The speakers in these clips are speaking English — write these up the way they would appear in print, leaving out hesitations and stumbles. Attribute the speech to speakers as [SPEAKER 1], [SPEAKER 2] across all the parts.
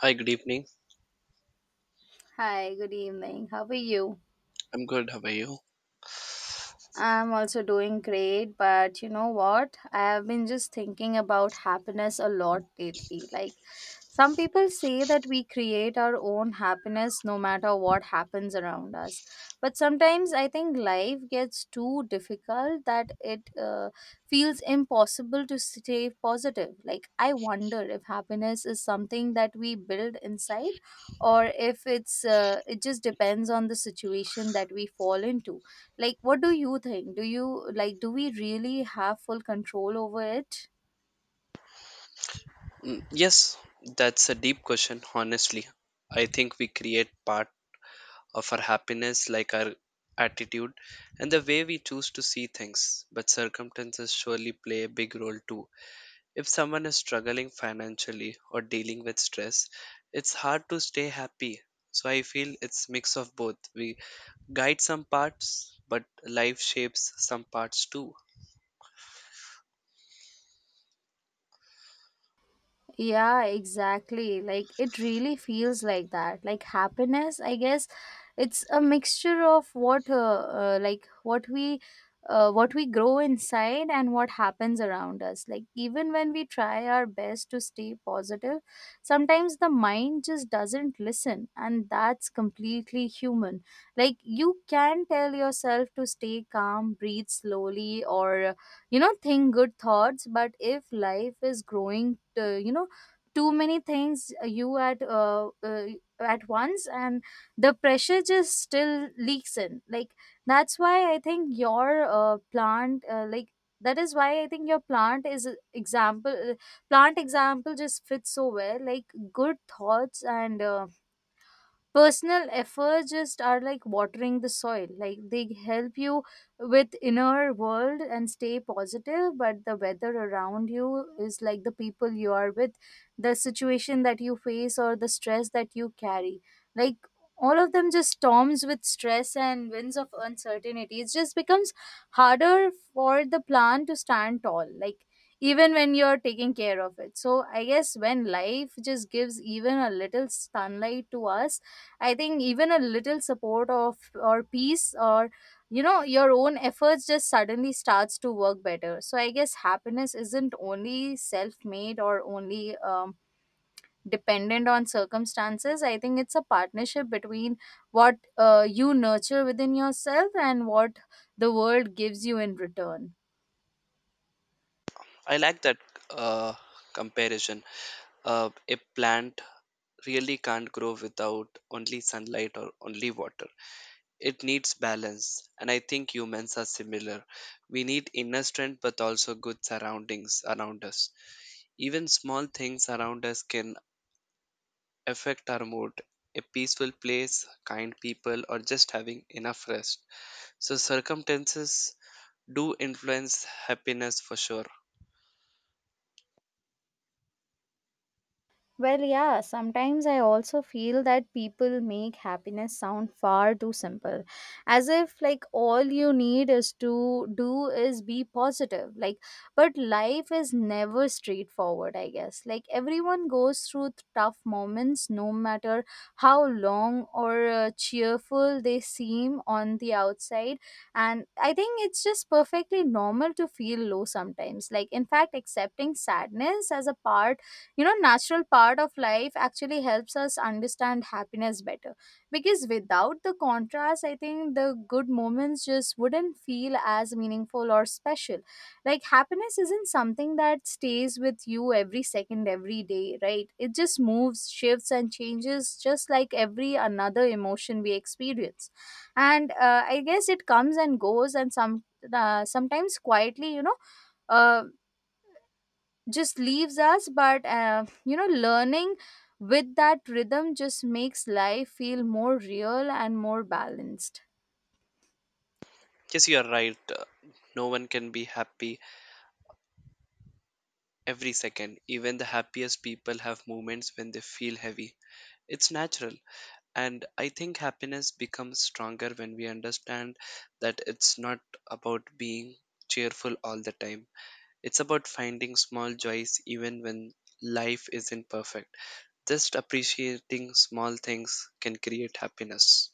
[SPEAKER 1] Hi, good evening.
[SPEAKER 2] Hi, good evening. How are you?
[SPEAKER 1] I'm good. How are you?
[SPEAKER 2] I'm also doing great, but you know what? I have been just thinking about happiness a lot lately. Like, some people say that we create our own happiness no matter what happens around us. But sometimes I think life gets too difficult that it feels impossible to stay positive. Like, I wonder if happiness is something that we build inside or if it's it just depends on the situation that we fall into. Like, what do you think? Do you like, do we really have full control over it?
[SPEAKER 1] Mm, yes, that's a deep question, honestly. I think we create part of our happiness, like our attitude and the way we choose to see things, but circumstances surely play a big role too. If someone is struggling financially or dealing with stress, it's hard to stay happy. So I feel it's mix of both. We guide some parts, but life shapes some parts too.
[SPEAKER 2] Yeah, exactly. Like it really feels like that. Like happiness, I guess, it's a mixture of what we grow inside and what happens around us. Like even when we try our best to stay positive, sometimes the mind just doesn't listen, and that's completely human. Like you can tell yourself to stay calm, breathe slowly, or think good thoughts, but if life is growing to, too many things you at once, and the pressure just still leaks in. Like that's why I think your plant like that is why I think your plant is a example plant example just fits so well. Like good thoughts and personal efforts just are like watering the soil. Like they help you with inner world and stay positive, but the weather around you is like the people you are with, the situation that you face, or the stress that you carry. Like all of them just storms with stress and winds of uncertainty, it just becomes harder for the plant to stand tall, like even when you're taking care of it. So I guess when life just gives even a little sunlight to us, I think even a little support of or peace or your own efforts just suddenly starts to work better. So I guess happiness isn't only self-made or only dependent on circumstances. I think it's a partnership between what you nurture within yourself and what the world gives you in return.
[SPEAKER 1] I like that uh, comparison, a plant really can't grow without only sunlight or only water. It needs balance, and I think humans are similar. We need inner strength but also good surroundings around us. Even small things around us can affect our mood. A peaceful place, kind people, or just having enough rest. So circumstances do influence happiness for sure.
[SPEAKER 2] Well, yeah, sometimes I also feel that people make happiness sound far too simple. As if like all you need is to do is be positive. Like, but life is never straightforward, I guess. Like everyone goes through tough moments no matter how long or cheerful they seem on the outside, and I think it's just perfectly normal to feel low sometimes. Like in fact, accepting sadness as a part, natural part of life, actually helps us understand happiness better, because without the contrast I think the good moments just wouldn't feel as meaningful or special. Like happiness isn't something that stays with you every second every day, right? It just moves, shifts, and changes, just like every another emotion we experience. And I guess it comes and goes and sometimes quietly, uh just leaves us. But learning with that rhythm just makes life feel more real and more balanced.
[SPEAKER 1] Yes, you are right. No one can be happy every second. Even the happiest people have moments when they feel heavy. It's natural. And I think happiness becomes stronger when we understand that it's not about being cheerful all the time. It's about finding small joys even when life isn't perfect. Just appreciating small things can create happiness.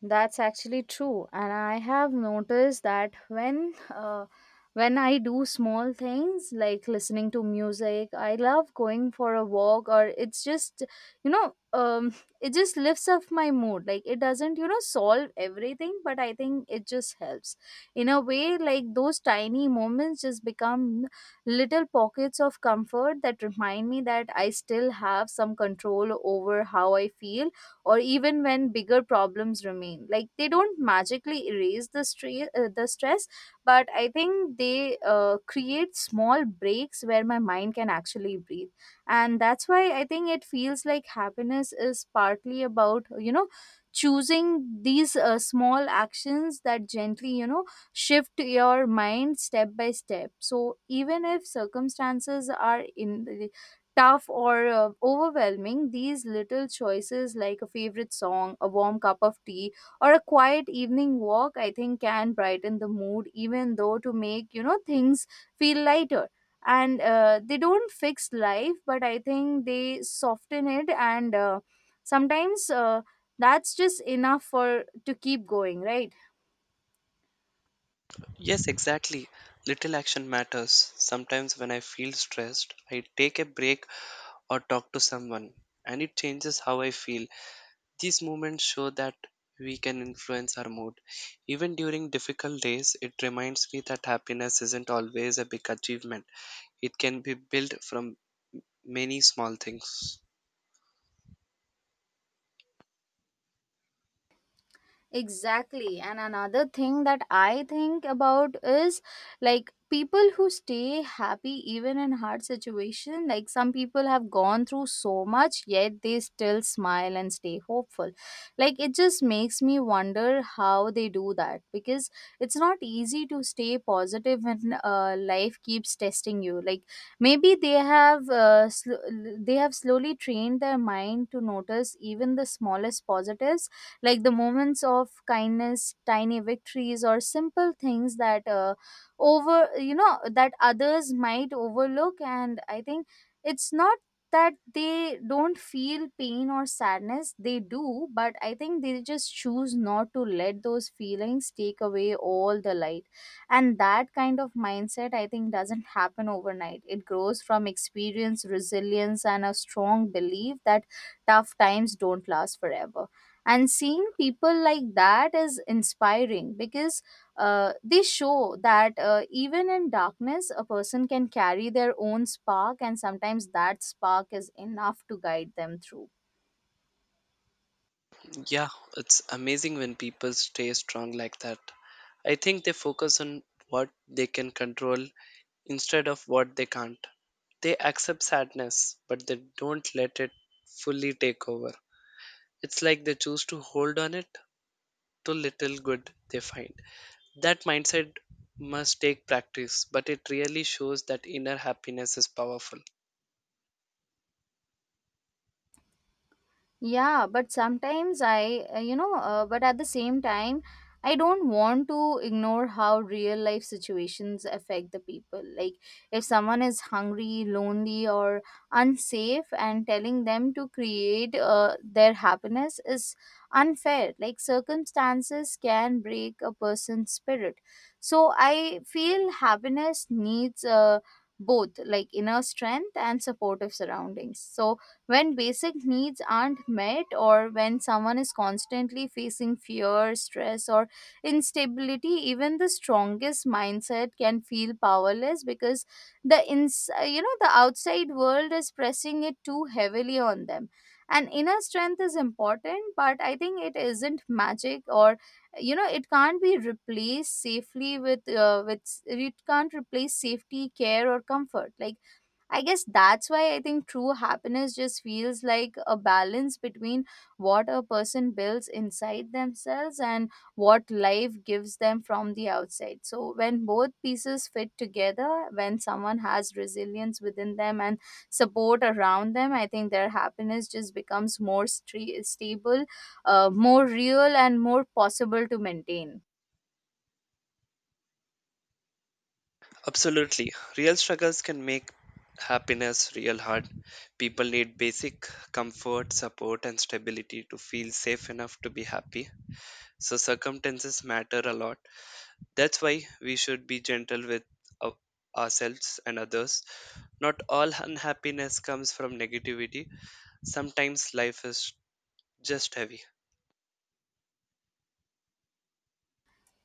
[SPEAKER 2] That's actually true, and I have noticed that when I do small things like listening to music, I love going for a walk, or it's just you know um, it just lifts up my mood. Like it doesn't solve everything, but I think it just helps in a way. Like those tiny moments just become little pockets of comfort that remind me that I still have some control over how I feel. Or even when bigger problems remain, like they don't magically erase the the stress, but I think they create small breaks where my mind can actually breathe. And that's why I think it feels like happiness is partly about, choosing these small actions that gently, shift your mind step by step. So even if circumstances are in tough or overwhelming, these little choices like a favorite song, a warm cup of tea, or a quiet evening walk, I think can brighten the mood, even though to make, you know, things feel lighter. And they don't fix life, but I think they soften it. And sometimes that's just enough for to keep going, right?
[SPEAKER 1] Yes, exactly. Little action matters. Sometimes when I feel stressed, I take a break or talk to someone, and it changes how I feel. These moments show that we can influence our mood. Even during difficult days, it reminds me that happiness isn't always a big achievement. It can be built from many small things.
[SPEAKER 2] Exactly. And another thing that I think about is like people who stay happy even in hard situation. Like some people have gone through so much yet they still smile and stay hopeful. Like it just makes me wonder how they do that, because it's not easy to stay positive when life keeps testing you. Like maybe they have slowly trained their mind to notice even the smallest positives, like the moments of kindness, tiny victories, or simple things that over you know that others might overlook. And I think it's not that they don't feel pain or sadness, they do, but I think they just choose not to let those feelings take away all the light. And that kind of mindset, I think, doesn't happen overnight. It grows from experience, resilience, and a strong belief that tough times don't last forever. And seeing people like that is inspiring, because they show that even in darkness, a person can carry their own spark, and sometimes that spark is enough to guide them through.
[SPEAKER 1] Yeah, it's amazing when people stay strong like that. I think they focus on what they can control instead of what they can't. They accept sadness, but they don't let it fully take over. It's like they choose to hold on it to little good they find. That mindset must take practice, but it really shows that inner happiness is powerful.
[SPEAKER 2] Yeah, but sometimes I, but at the same time, I don't want to ignore how real life situations affect the people. Like, if someone is hungry, lonely, or unsafe, and telling them to create their happiness is unfair. Like, circumstances can break a person's spirit. So, I feel happiness needs both, like inner strength and supportive surroundings. So, when basic needs aren't met, or when someone is constantly facing fear, stress, or instability, even the strongest mindset can feel powerless, because the the outside world is pressing it too heavily on them. And inner strength is important, but I think it isn't magic, or it can't be replaced safely with it can't replace safety, care, or comfort. Like I guess that's why I think true happiness just feels like a balance between what a person builds inside themselves and what life gives them from the outside. So, when both pieces fit together, when someone has resilience within them and support around them, I think their happiness just becomes more stable, more real, and more possible to maintain.
[SPEAKER 1] Absolutely. Real struggles can make happiness real hard. People need basic comfort, support, and stability to feel safe enough to be happy. So, circumstances matter a lot. That's why we should be gentle with ou- ourselves and others. Not all unhappiness comes from negativity, sometimes life is just heavy.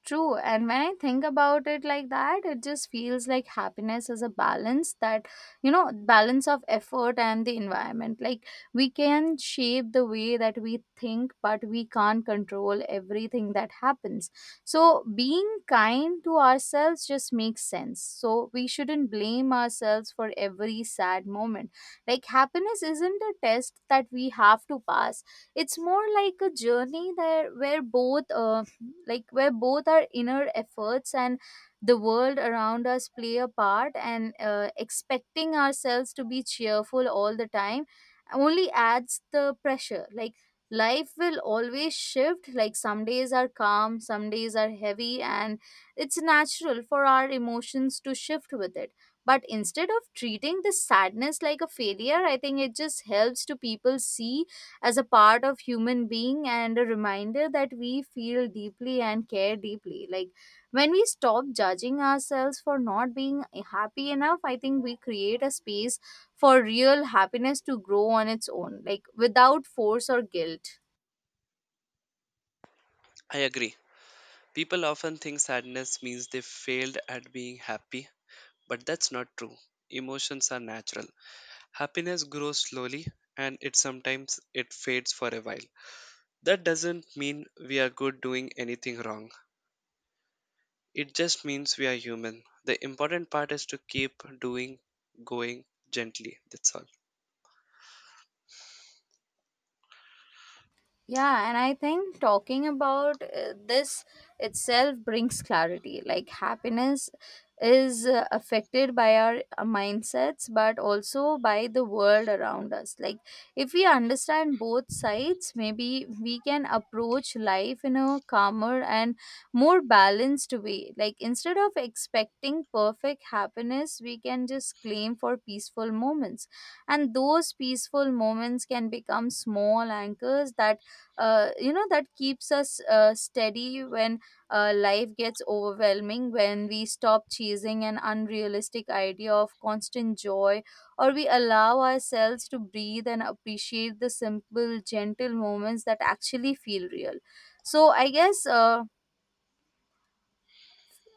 [SPEAKER 2] True. And when I think about it like that, it just feels like happiness is a balance that, you know, balance of effort and the environment. Like we can shape the way that we think, but we can't control everything that happens. So being kind to ourselves just makes sense. So we shouldn't blame ourselves for every sad moment. Like happiness isn't a test that we have to pass, it's more like a journey there where both like where both our inner efforts and the world around us play a part. And expecting ourselves to be cheerful all the time only adds the pressure. Like life will always shift, like some days are calm, some days are heavy, and it's natural for our emotions to shift with it. But instead of treating the sadness like a failure, I think it just helps to people see as a part of human being and a reminder that we feel deeply and care deeply. Like when we stop judging ourselves for not being happy enough, I think we create a space for real happiness to grow on its own, like without force or guilt.
[SPEAKER 1] I agree. People often think sadness means they failed at being happy, but that's not true. Emotions are natural. Happiness grows slowly and it sometimes it fades for a while. That doesn't mean we are good doing anything wrong. It just means we are human. The important part is to keep doing going gently. That's all.
[SPEAKER 2] Yeah, and I think talking about this itself brings clarity. Like happiness is affected by our mindsets, but also by the world around us. Like if we understand both sides, maybe we can approach life in a calmer and more balanced way. Like instead of expecting perfect happiness, we can just claim for peaceful moments. And those peaceful moments can become small anchors that that keeps us steady when life gets overwhelming. When we stop chasing an unrealistic idea of constant joy, or we allow ourselves to breathe and appreciate the simple gentle moments that actually feel real. So I guess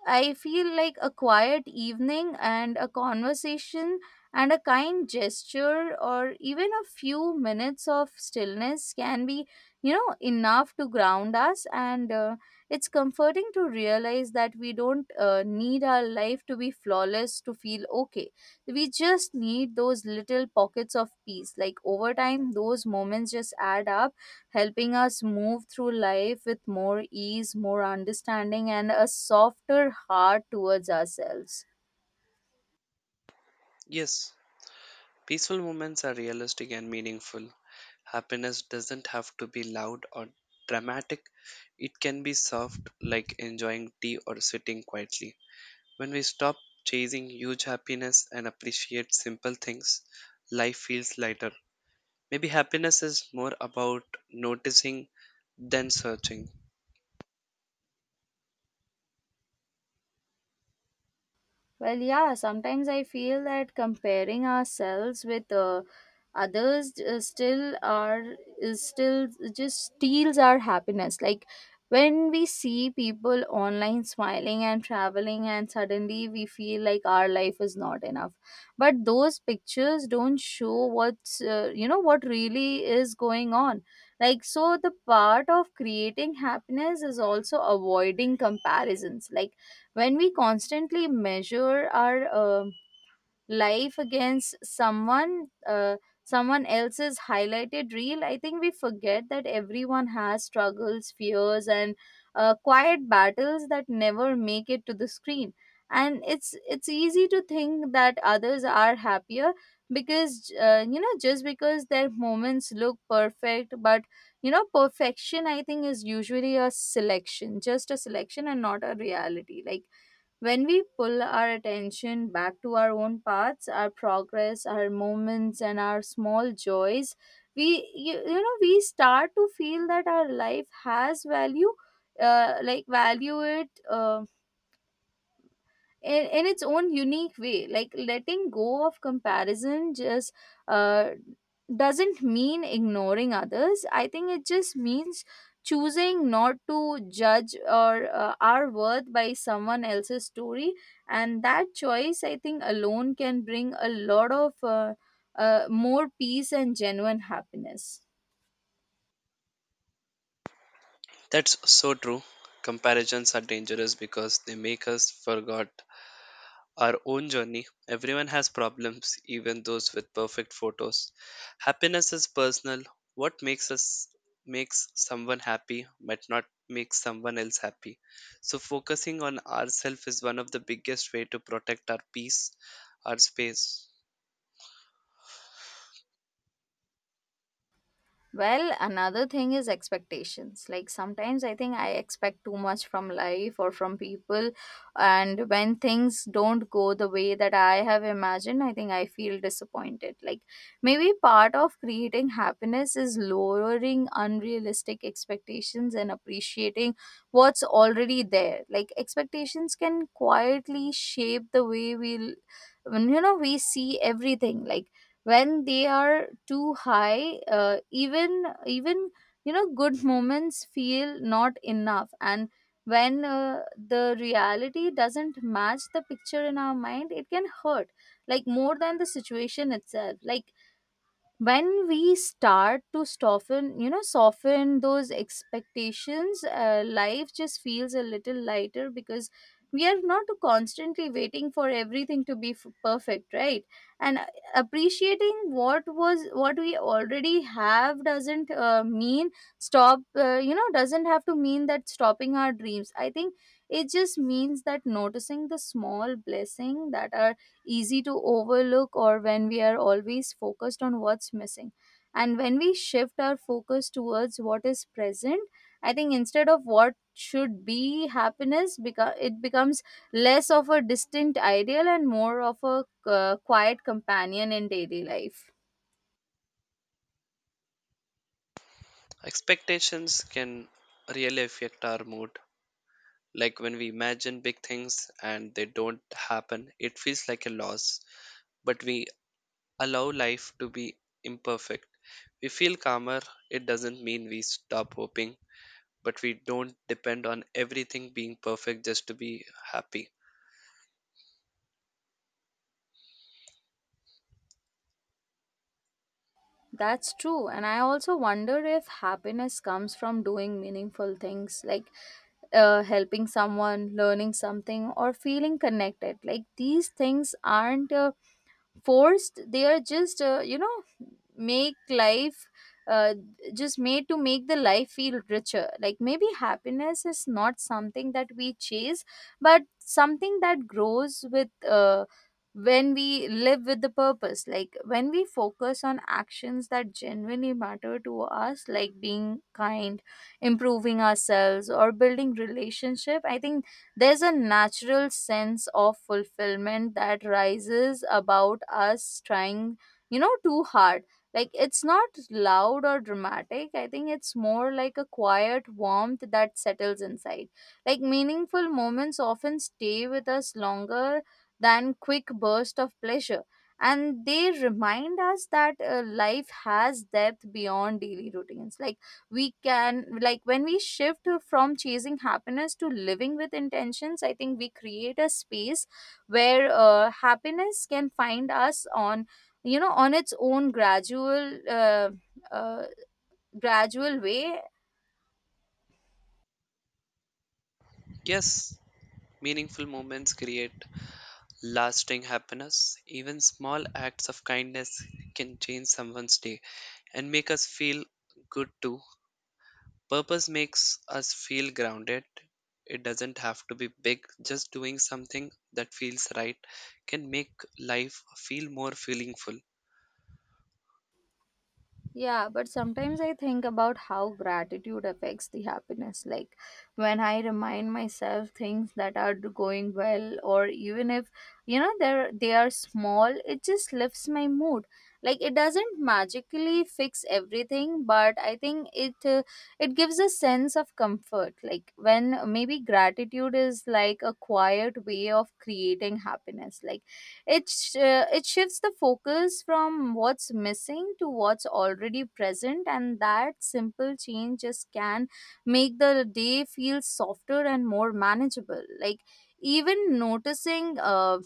[SPEAKER 2] I feel like a quiet evening and a conversation and a kind gesture or even a few minutes of stillness can be, you know, enough to ground us. And it's comforting to realize that we don't need our life to be flawless to feel okay. We just need those little pockets of peace. Like over time, those moments just add up, helping us move through life with more ease, more understanding, and a softer heart towards ourselves.
[SPEAKER 1] Yes, peaceful moments are realistic and meaningful. Happiness doesn't have to be loud or dramatic, it can be soft, like enjoying tea or sitting quietly. When we stop chasing huge happiness and appreciate simple things, life feels lighter. Maybe happiness is more about noticing than searching.
[SPEAKER 2] Well, yeah, sometimes I feel that comparing ourselves with others still are is still just steals our happiness. Like when we see people online smiling and traveling and suddenly we feel like our life is not enough. But those pictures don't show what's you know what really is going on. Like so the part of creating happiness is also avoiding comparisons. Like when we constantly measure our life against someone else's highlighted reel, I think we forget that everyone has struggles, fears, and quiet battles that never make it to the screen, and it's easy to think that others are happier because just because their moments look perfect. But perfection, I think, is usually a selection, just a selection and not a reality. Like when we pull our attention back to our own paths, our progress, our moments, and our small joys, we we start to feel that our life has value, like value it. In its own unique way. Like letting go of comparison just uh, doesn't mean ignoring others. I think it just means choosing not to judge or our worth by someone else's story, and that choice, I think, alone can bring a lot of more peace and genuine happiness.
[SPEAKER 1] That's so true. Comparisons are dangerous because they make us forget our own journey. Everyone has problems, even those with perfect photos. Happiness is personal. What makes someone happy might not make someone else happy. So focusing on ourselves is one of the biggest way to protect our peace, our space.
[SPEAKER 2] Well, another thing is expectations. Like sometimes I think I expect too much from life or from people, and when things don't go the way that I have imagined, I think I feel disappointed. Like maybe part of creating happiness is lowering unrealistic expectations and appreciating what's already there. Like expectations can quietly shape the way we, you know, we see everything. Like when they are too high, even good moments feel not enough, and when the reality doesn't match the picture in our mind, it can hurt like more than the situation itself. Like when we start to soften, soften those expectations, life just feels a little lighter because we are not constantly waiting for everything to be perfect, right? And appreciating what we already have doesn't mean stop you know doesn't have to mean that stopping our dreams. I think it just means that noticing the small blessing that are easy to overlook or when we are always focused on what's missing. And when we shift our focus towards what is present, I think instead of what should be happiness, it becomes less of a distinct ideal and more of a quiet companion in daily life.
[SPEAKER 1] Expectations can really affect our mood. Like when we imagine big things and they don't happen, it feels like a loss. But we allow life to be imperfect. We feel calmer. It doesn't mean we stop hoping, but we don't depend on everything being perfect just to be happy.
[SPEAKER 2] That's true. And I also wonder if happiness comes from doing meaningful things, like helping someone, learning something, or feeling connected. Like these things aren't forced, they are just make life uh, just made to make the life feel richer. Like maybe happiness is not something that we chase, but something that grows with when we live with the purpose. Like when we focus on actions that genuinely matter to us, like being kind, improving ourselves, or building relationship, I think there's a natural sense of fulfillment that rises about us trying too hard. Like it's not loud or dramatic. I think it's more like a quiet warmth that settles inside. Like meaningful moments often stay with us longer than quick bursts of pleasure. And they remind us that life has depth beyond daily routines. Like we can, like when we shift from chasing happiness to living with intentions, I think we create a space where happiness can find us on on its own gradual uh, gradual way.
[SPEAKER 1] Yes, meaningful moments create lasting happiness. Even small acts of kindness can change someone's day and make us feel good too. Purpose makes us feel grounded. It doesn't have to be big. Just doing something that feels right can make life feel more meaningful.
[SPEAKER 2] Yeah, but sometimes I think about how gratitude affects the happiness. Like when I remind myself things that are going well or even if they are small, it just lifts my mood. Like it doesn't magically fix everything, but I think it it gives a sense of comfort. Like when maybe gratitude is like a quiet way of creating happiness. Like It it shifts the focus from what's missing to what's already present, and that simple change just can make the day feel softer and more manageable. Like, even noticing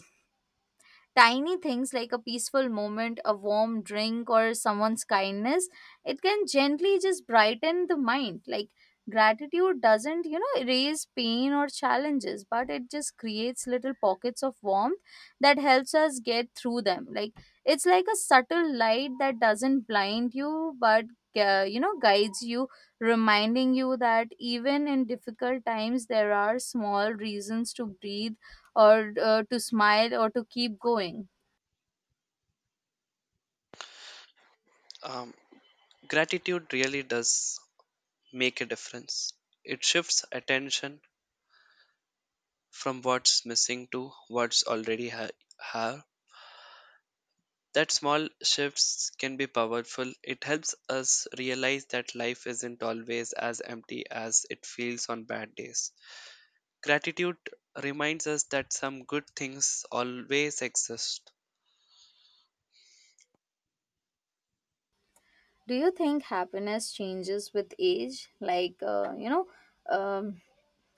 [SPEAKER 2] tiny things like a peaceful moment, a warm drink, or someone's kindness, it can gently just brighten the mind. Like gratitude doesn't, you know, erase pain or challenges, but it just creates little pockets of warmth that helps us get through them. Like it's like a subtle light that doesn't blind you, but guides you, reminding you that even in difficult times there are small reasons to breathe or to smile or to keep going.
[SPEAKER 1] Um, Gratitude really does make a difference. It shifts attention from what's missing to what's already have. That small shifts can be powerful. It helps us realize that life isn't always as empty as it feels on bad days. Gratitude reminds us that some good things always exist.
[SPEAKER 2] Do you think happiness changes with age? Like you know um,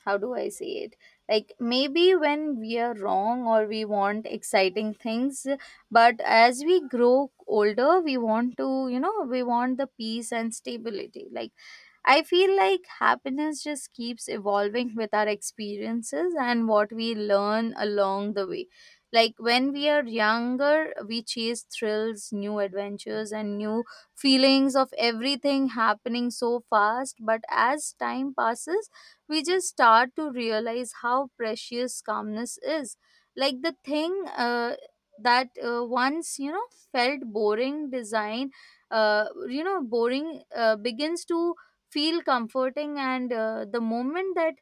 [SPEAKER 2] how do I say it like maybe when we are wrong or we want exciting things, but as we grow older we want to we want the peace and stability. Like I feel like happiness just keeps evolving with our experiences and what we learn along the way. Like when we are younger, we chase thrills, new adventures, and new feelings of everything happening so fast. But as time passes, we just start to realize how precious calmness is. Like the thing that once, you know, felt boring, design, boring begins to feel comforting, and the moment that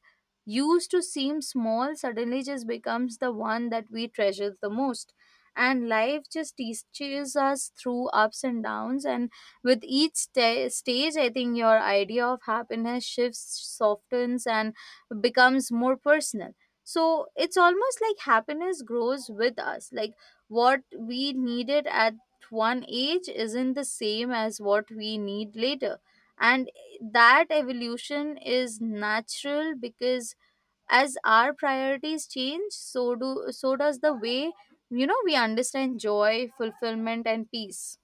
[SPEAKER 2] used to seem small suddenly just becomes the one that we treasure the most. And life just teaches us through ups and downs, and with each stage, I think your idea of happiness shifts, softens, and becomes more personal. So it's almost like happiness grows with us. Like what we needed at one age isn't the same as what we need later, and that evolution is natural because as our priorities change, so does the way we understand joy, fulfillment, and peace.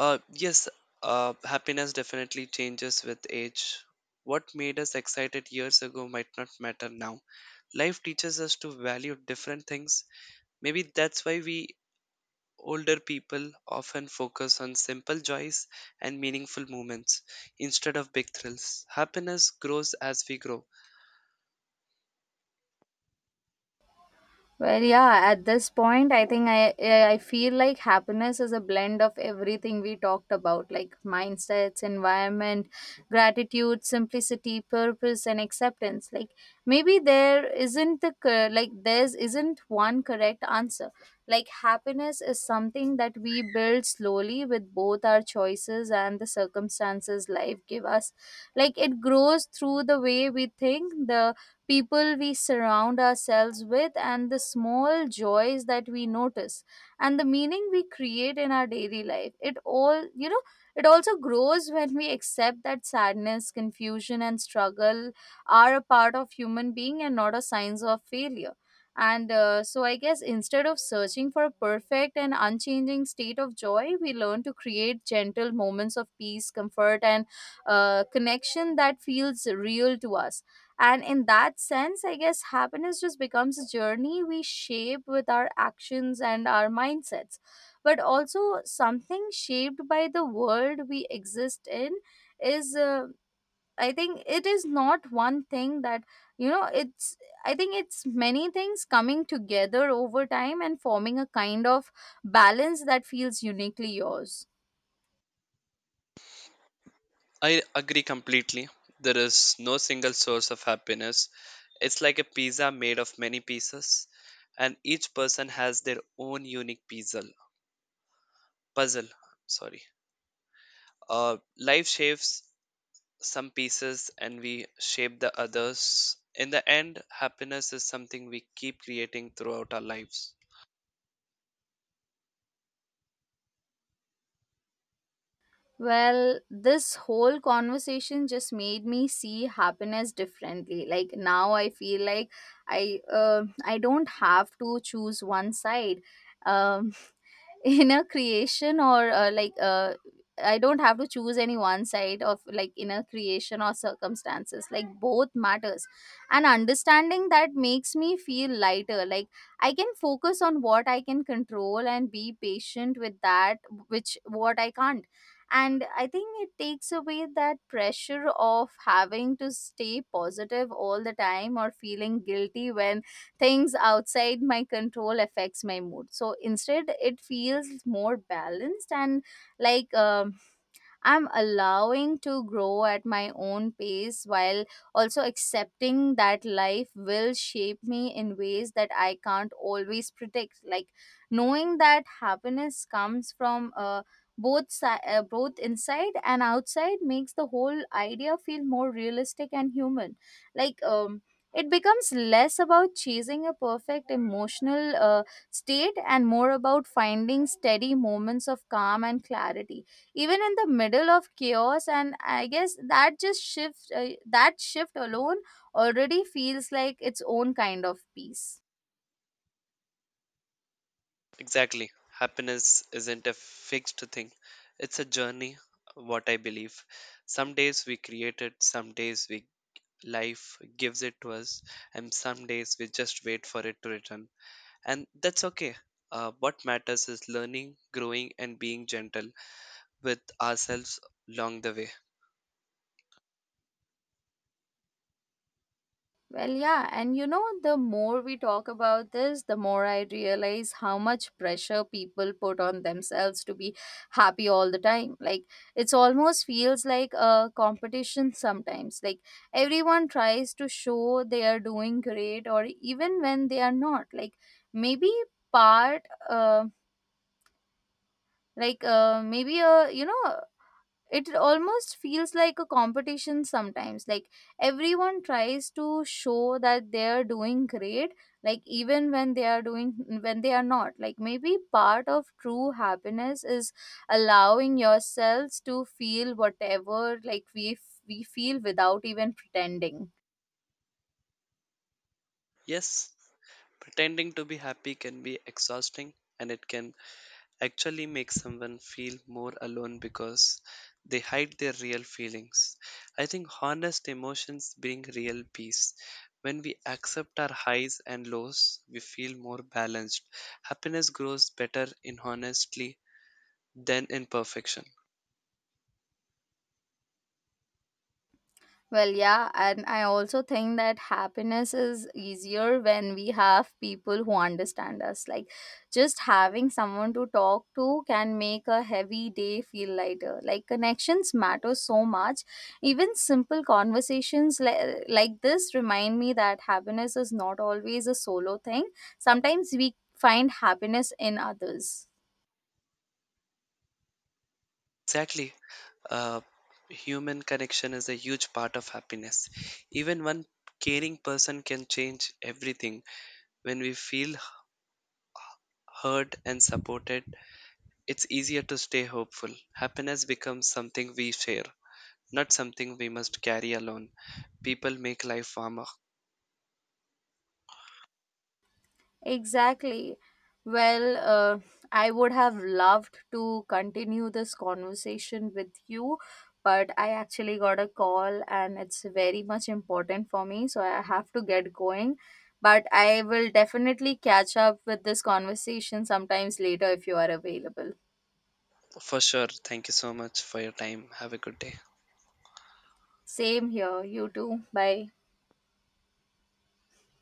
[SPEAKER 1] Uh, yes, Happiness definitely changes with age. What made us excited years ago might not matter now. Life teaches us to value different things. Maybe that's why we older people often focus on simple joys and meaningful moments instead of big thrills. Happiness grows as we grow.
[SPEAKER 2] Well, yeah, at this point, I think I feel like happiness is a blend of everything we talked about, like mindsets, environment, gratitude, simplicity, purpose, and acceptance. Like maybe there's isn't one correct answer. Like happiness is something that we build slowly with both our choices and the circumstances life give us. Like it grows through the way we think, the people we surround ourselves with, and the small joys that we notice, and the meaning we create in our daily life. It all, you know, it also grows when we accept that sadness, confusion, and struggle are a part of human being and not a signs of failure. And so, I guess instead of searching for a perfect and unchanging state of joy, we learn to create gentle moments of peace, comfort, and connection that feels real to us. And in that sense, I guess happiness just becomes a journey we shape with our actions and our mindsets, but also something shaped by the world we exist in is. I think it is not one thing that it's I think it's many things coming together over time and forming a kind of balance that feels uniquely yours.
[SPEAKER 1] I agree completely. There is no single source of happiness. It's like a pizza made of many pieces, and each person has their own unique puzzle. Puzzle, sorry. Life shapes some pieces, and we shape the others. In the end, happiness is something we keep creating throughout our lives.
[SPEAKER 2] Well, this whole conversation just made me see happiness differently. Like now I feel like I don't have to choose one side. Um inner creation or like I don't have to choose any one side of like inner creation or circumstances. Like both matters, and understanding that makes me feel lighter. Like I can focus on what I can control and be patient with that which what I can't. And I think it takes away that pressure of having to stay positive all the time or feeling guilty when things outside my control affects my mood. So instead it feels more balanced, and like um, I'm allowing to grow at my own pace while also accepting that life will shape me in ways that I can't always predict. Like knowing that happiness comes from both inside and outside makes the whole idea feel more realistic and human. Like it becomes less about chasing a perfect emotional state and more about finding steady moments of calm and clarity even in the middle of chaos. And I guess that just shift that shift alone already feels like its own kind of peace.
[SPEAKER 1] Exactly. Happiness isn't a fixed thing, it's a journey, what I believe. Some days we create it, some days we life gives it to us, and some days we just wait for it to return, and that's okay. What matters is learning, growing, and being gentle with ourselves along the way.
[SPEAKER 2] Well, yeah, and you know, the more we talk about this, the more I realize how much pressure people put on themselves to be happy all the time. Like it's almost feels like a competition sometimes. Like everyone tries to show they are doing great or even when they are not. Like maybe part um like maybe a it almost feels like a competition sometimes. Like everyone tries to show that they are doing great, like even when they are doing when they are not. Like maybe part of true happiness is allowing yourselves to feel whatever like we feel without even pretending.
[SPEAKER 1] Yes, pretending to be happy can be exhausting, and it can actually makes someone feel more alone because they hide their real feelings. I think honest emotions bring real peace. When we accept our highs and lows, we feel more balanced. Happiness grows better in honesty than in perfection.
[SPEAKER 2] Well, yeah, and I also think that happiness is easier when we have people who understand us. Like, just having someone to talk to can make a heavy day feel lighter. Like, connections matter so much. Even simple conversations like this remind me that happiness is not always a solo thing. Sometimes we find happiness in others.
[SPEAKER 1] Exactly. Uh, human connection is a huge part of happiness. Even one caring person can change everything. When we feel heard and supported, it's easier to stay hopeful. Happiness becomes something we share, not something we must carry alone. People make life warmer.
[SPEAKER 2] Exactly. Well, I would have loved to continue this conversation with you, but I actually got a call and it's very much important for me, so I have to get going. But I will definitely catch up with this conversation sometimes later if you are available.
[SPEAKER 1] For sure. Thank you so much for your time. Have a good day.
[SPEAKER 2] Same here. You too. Bye.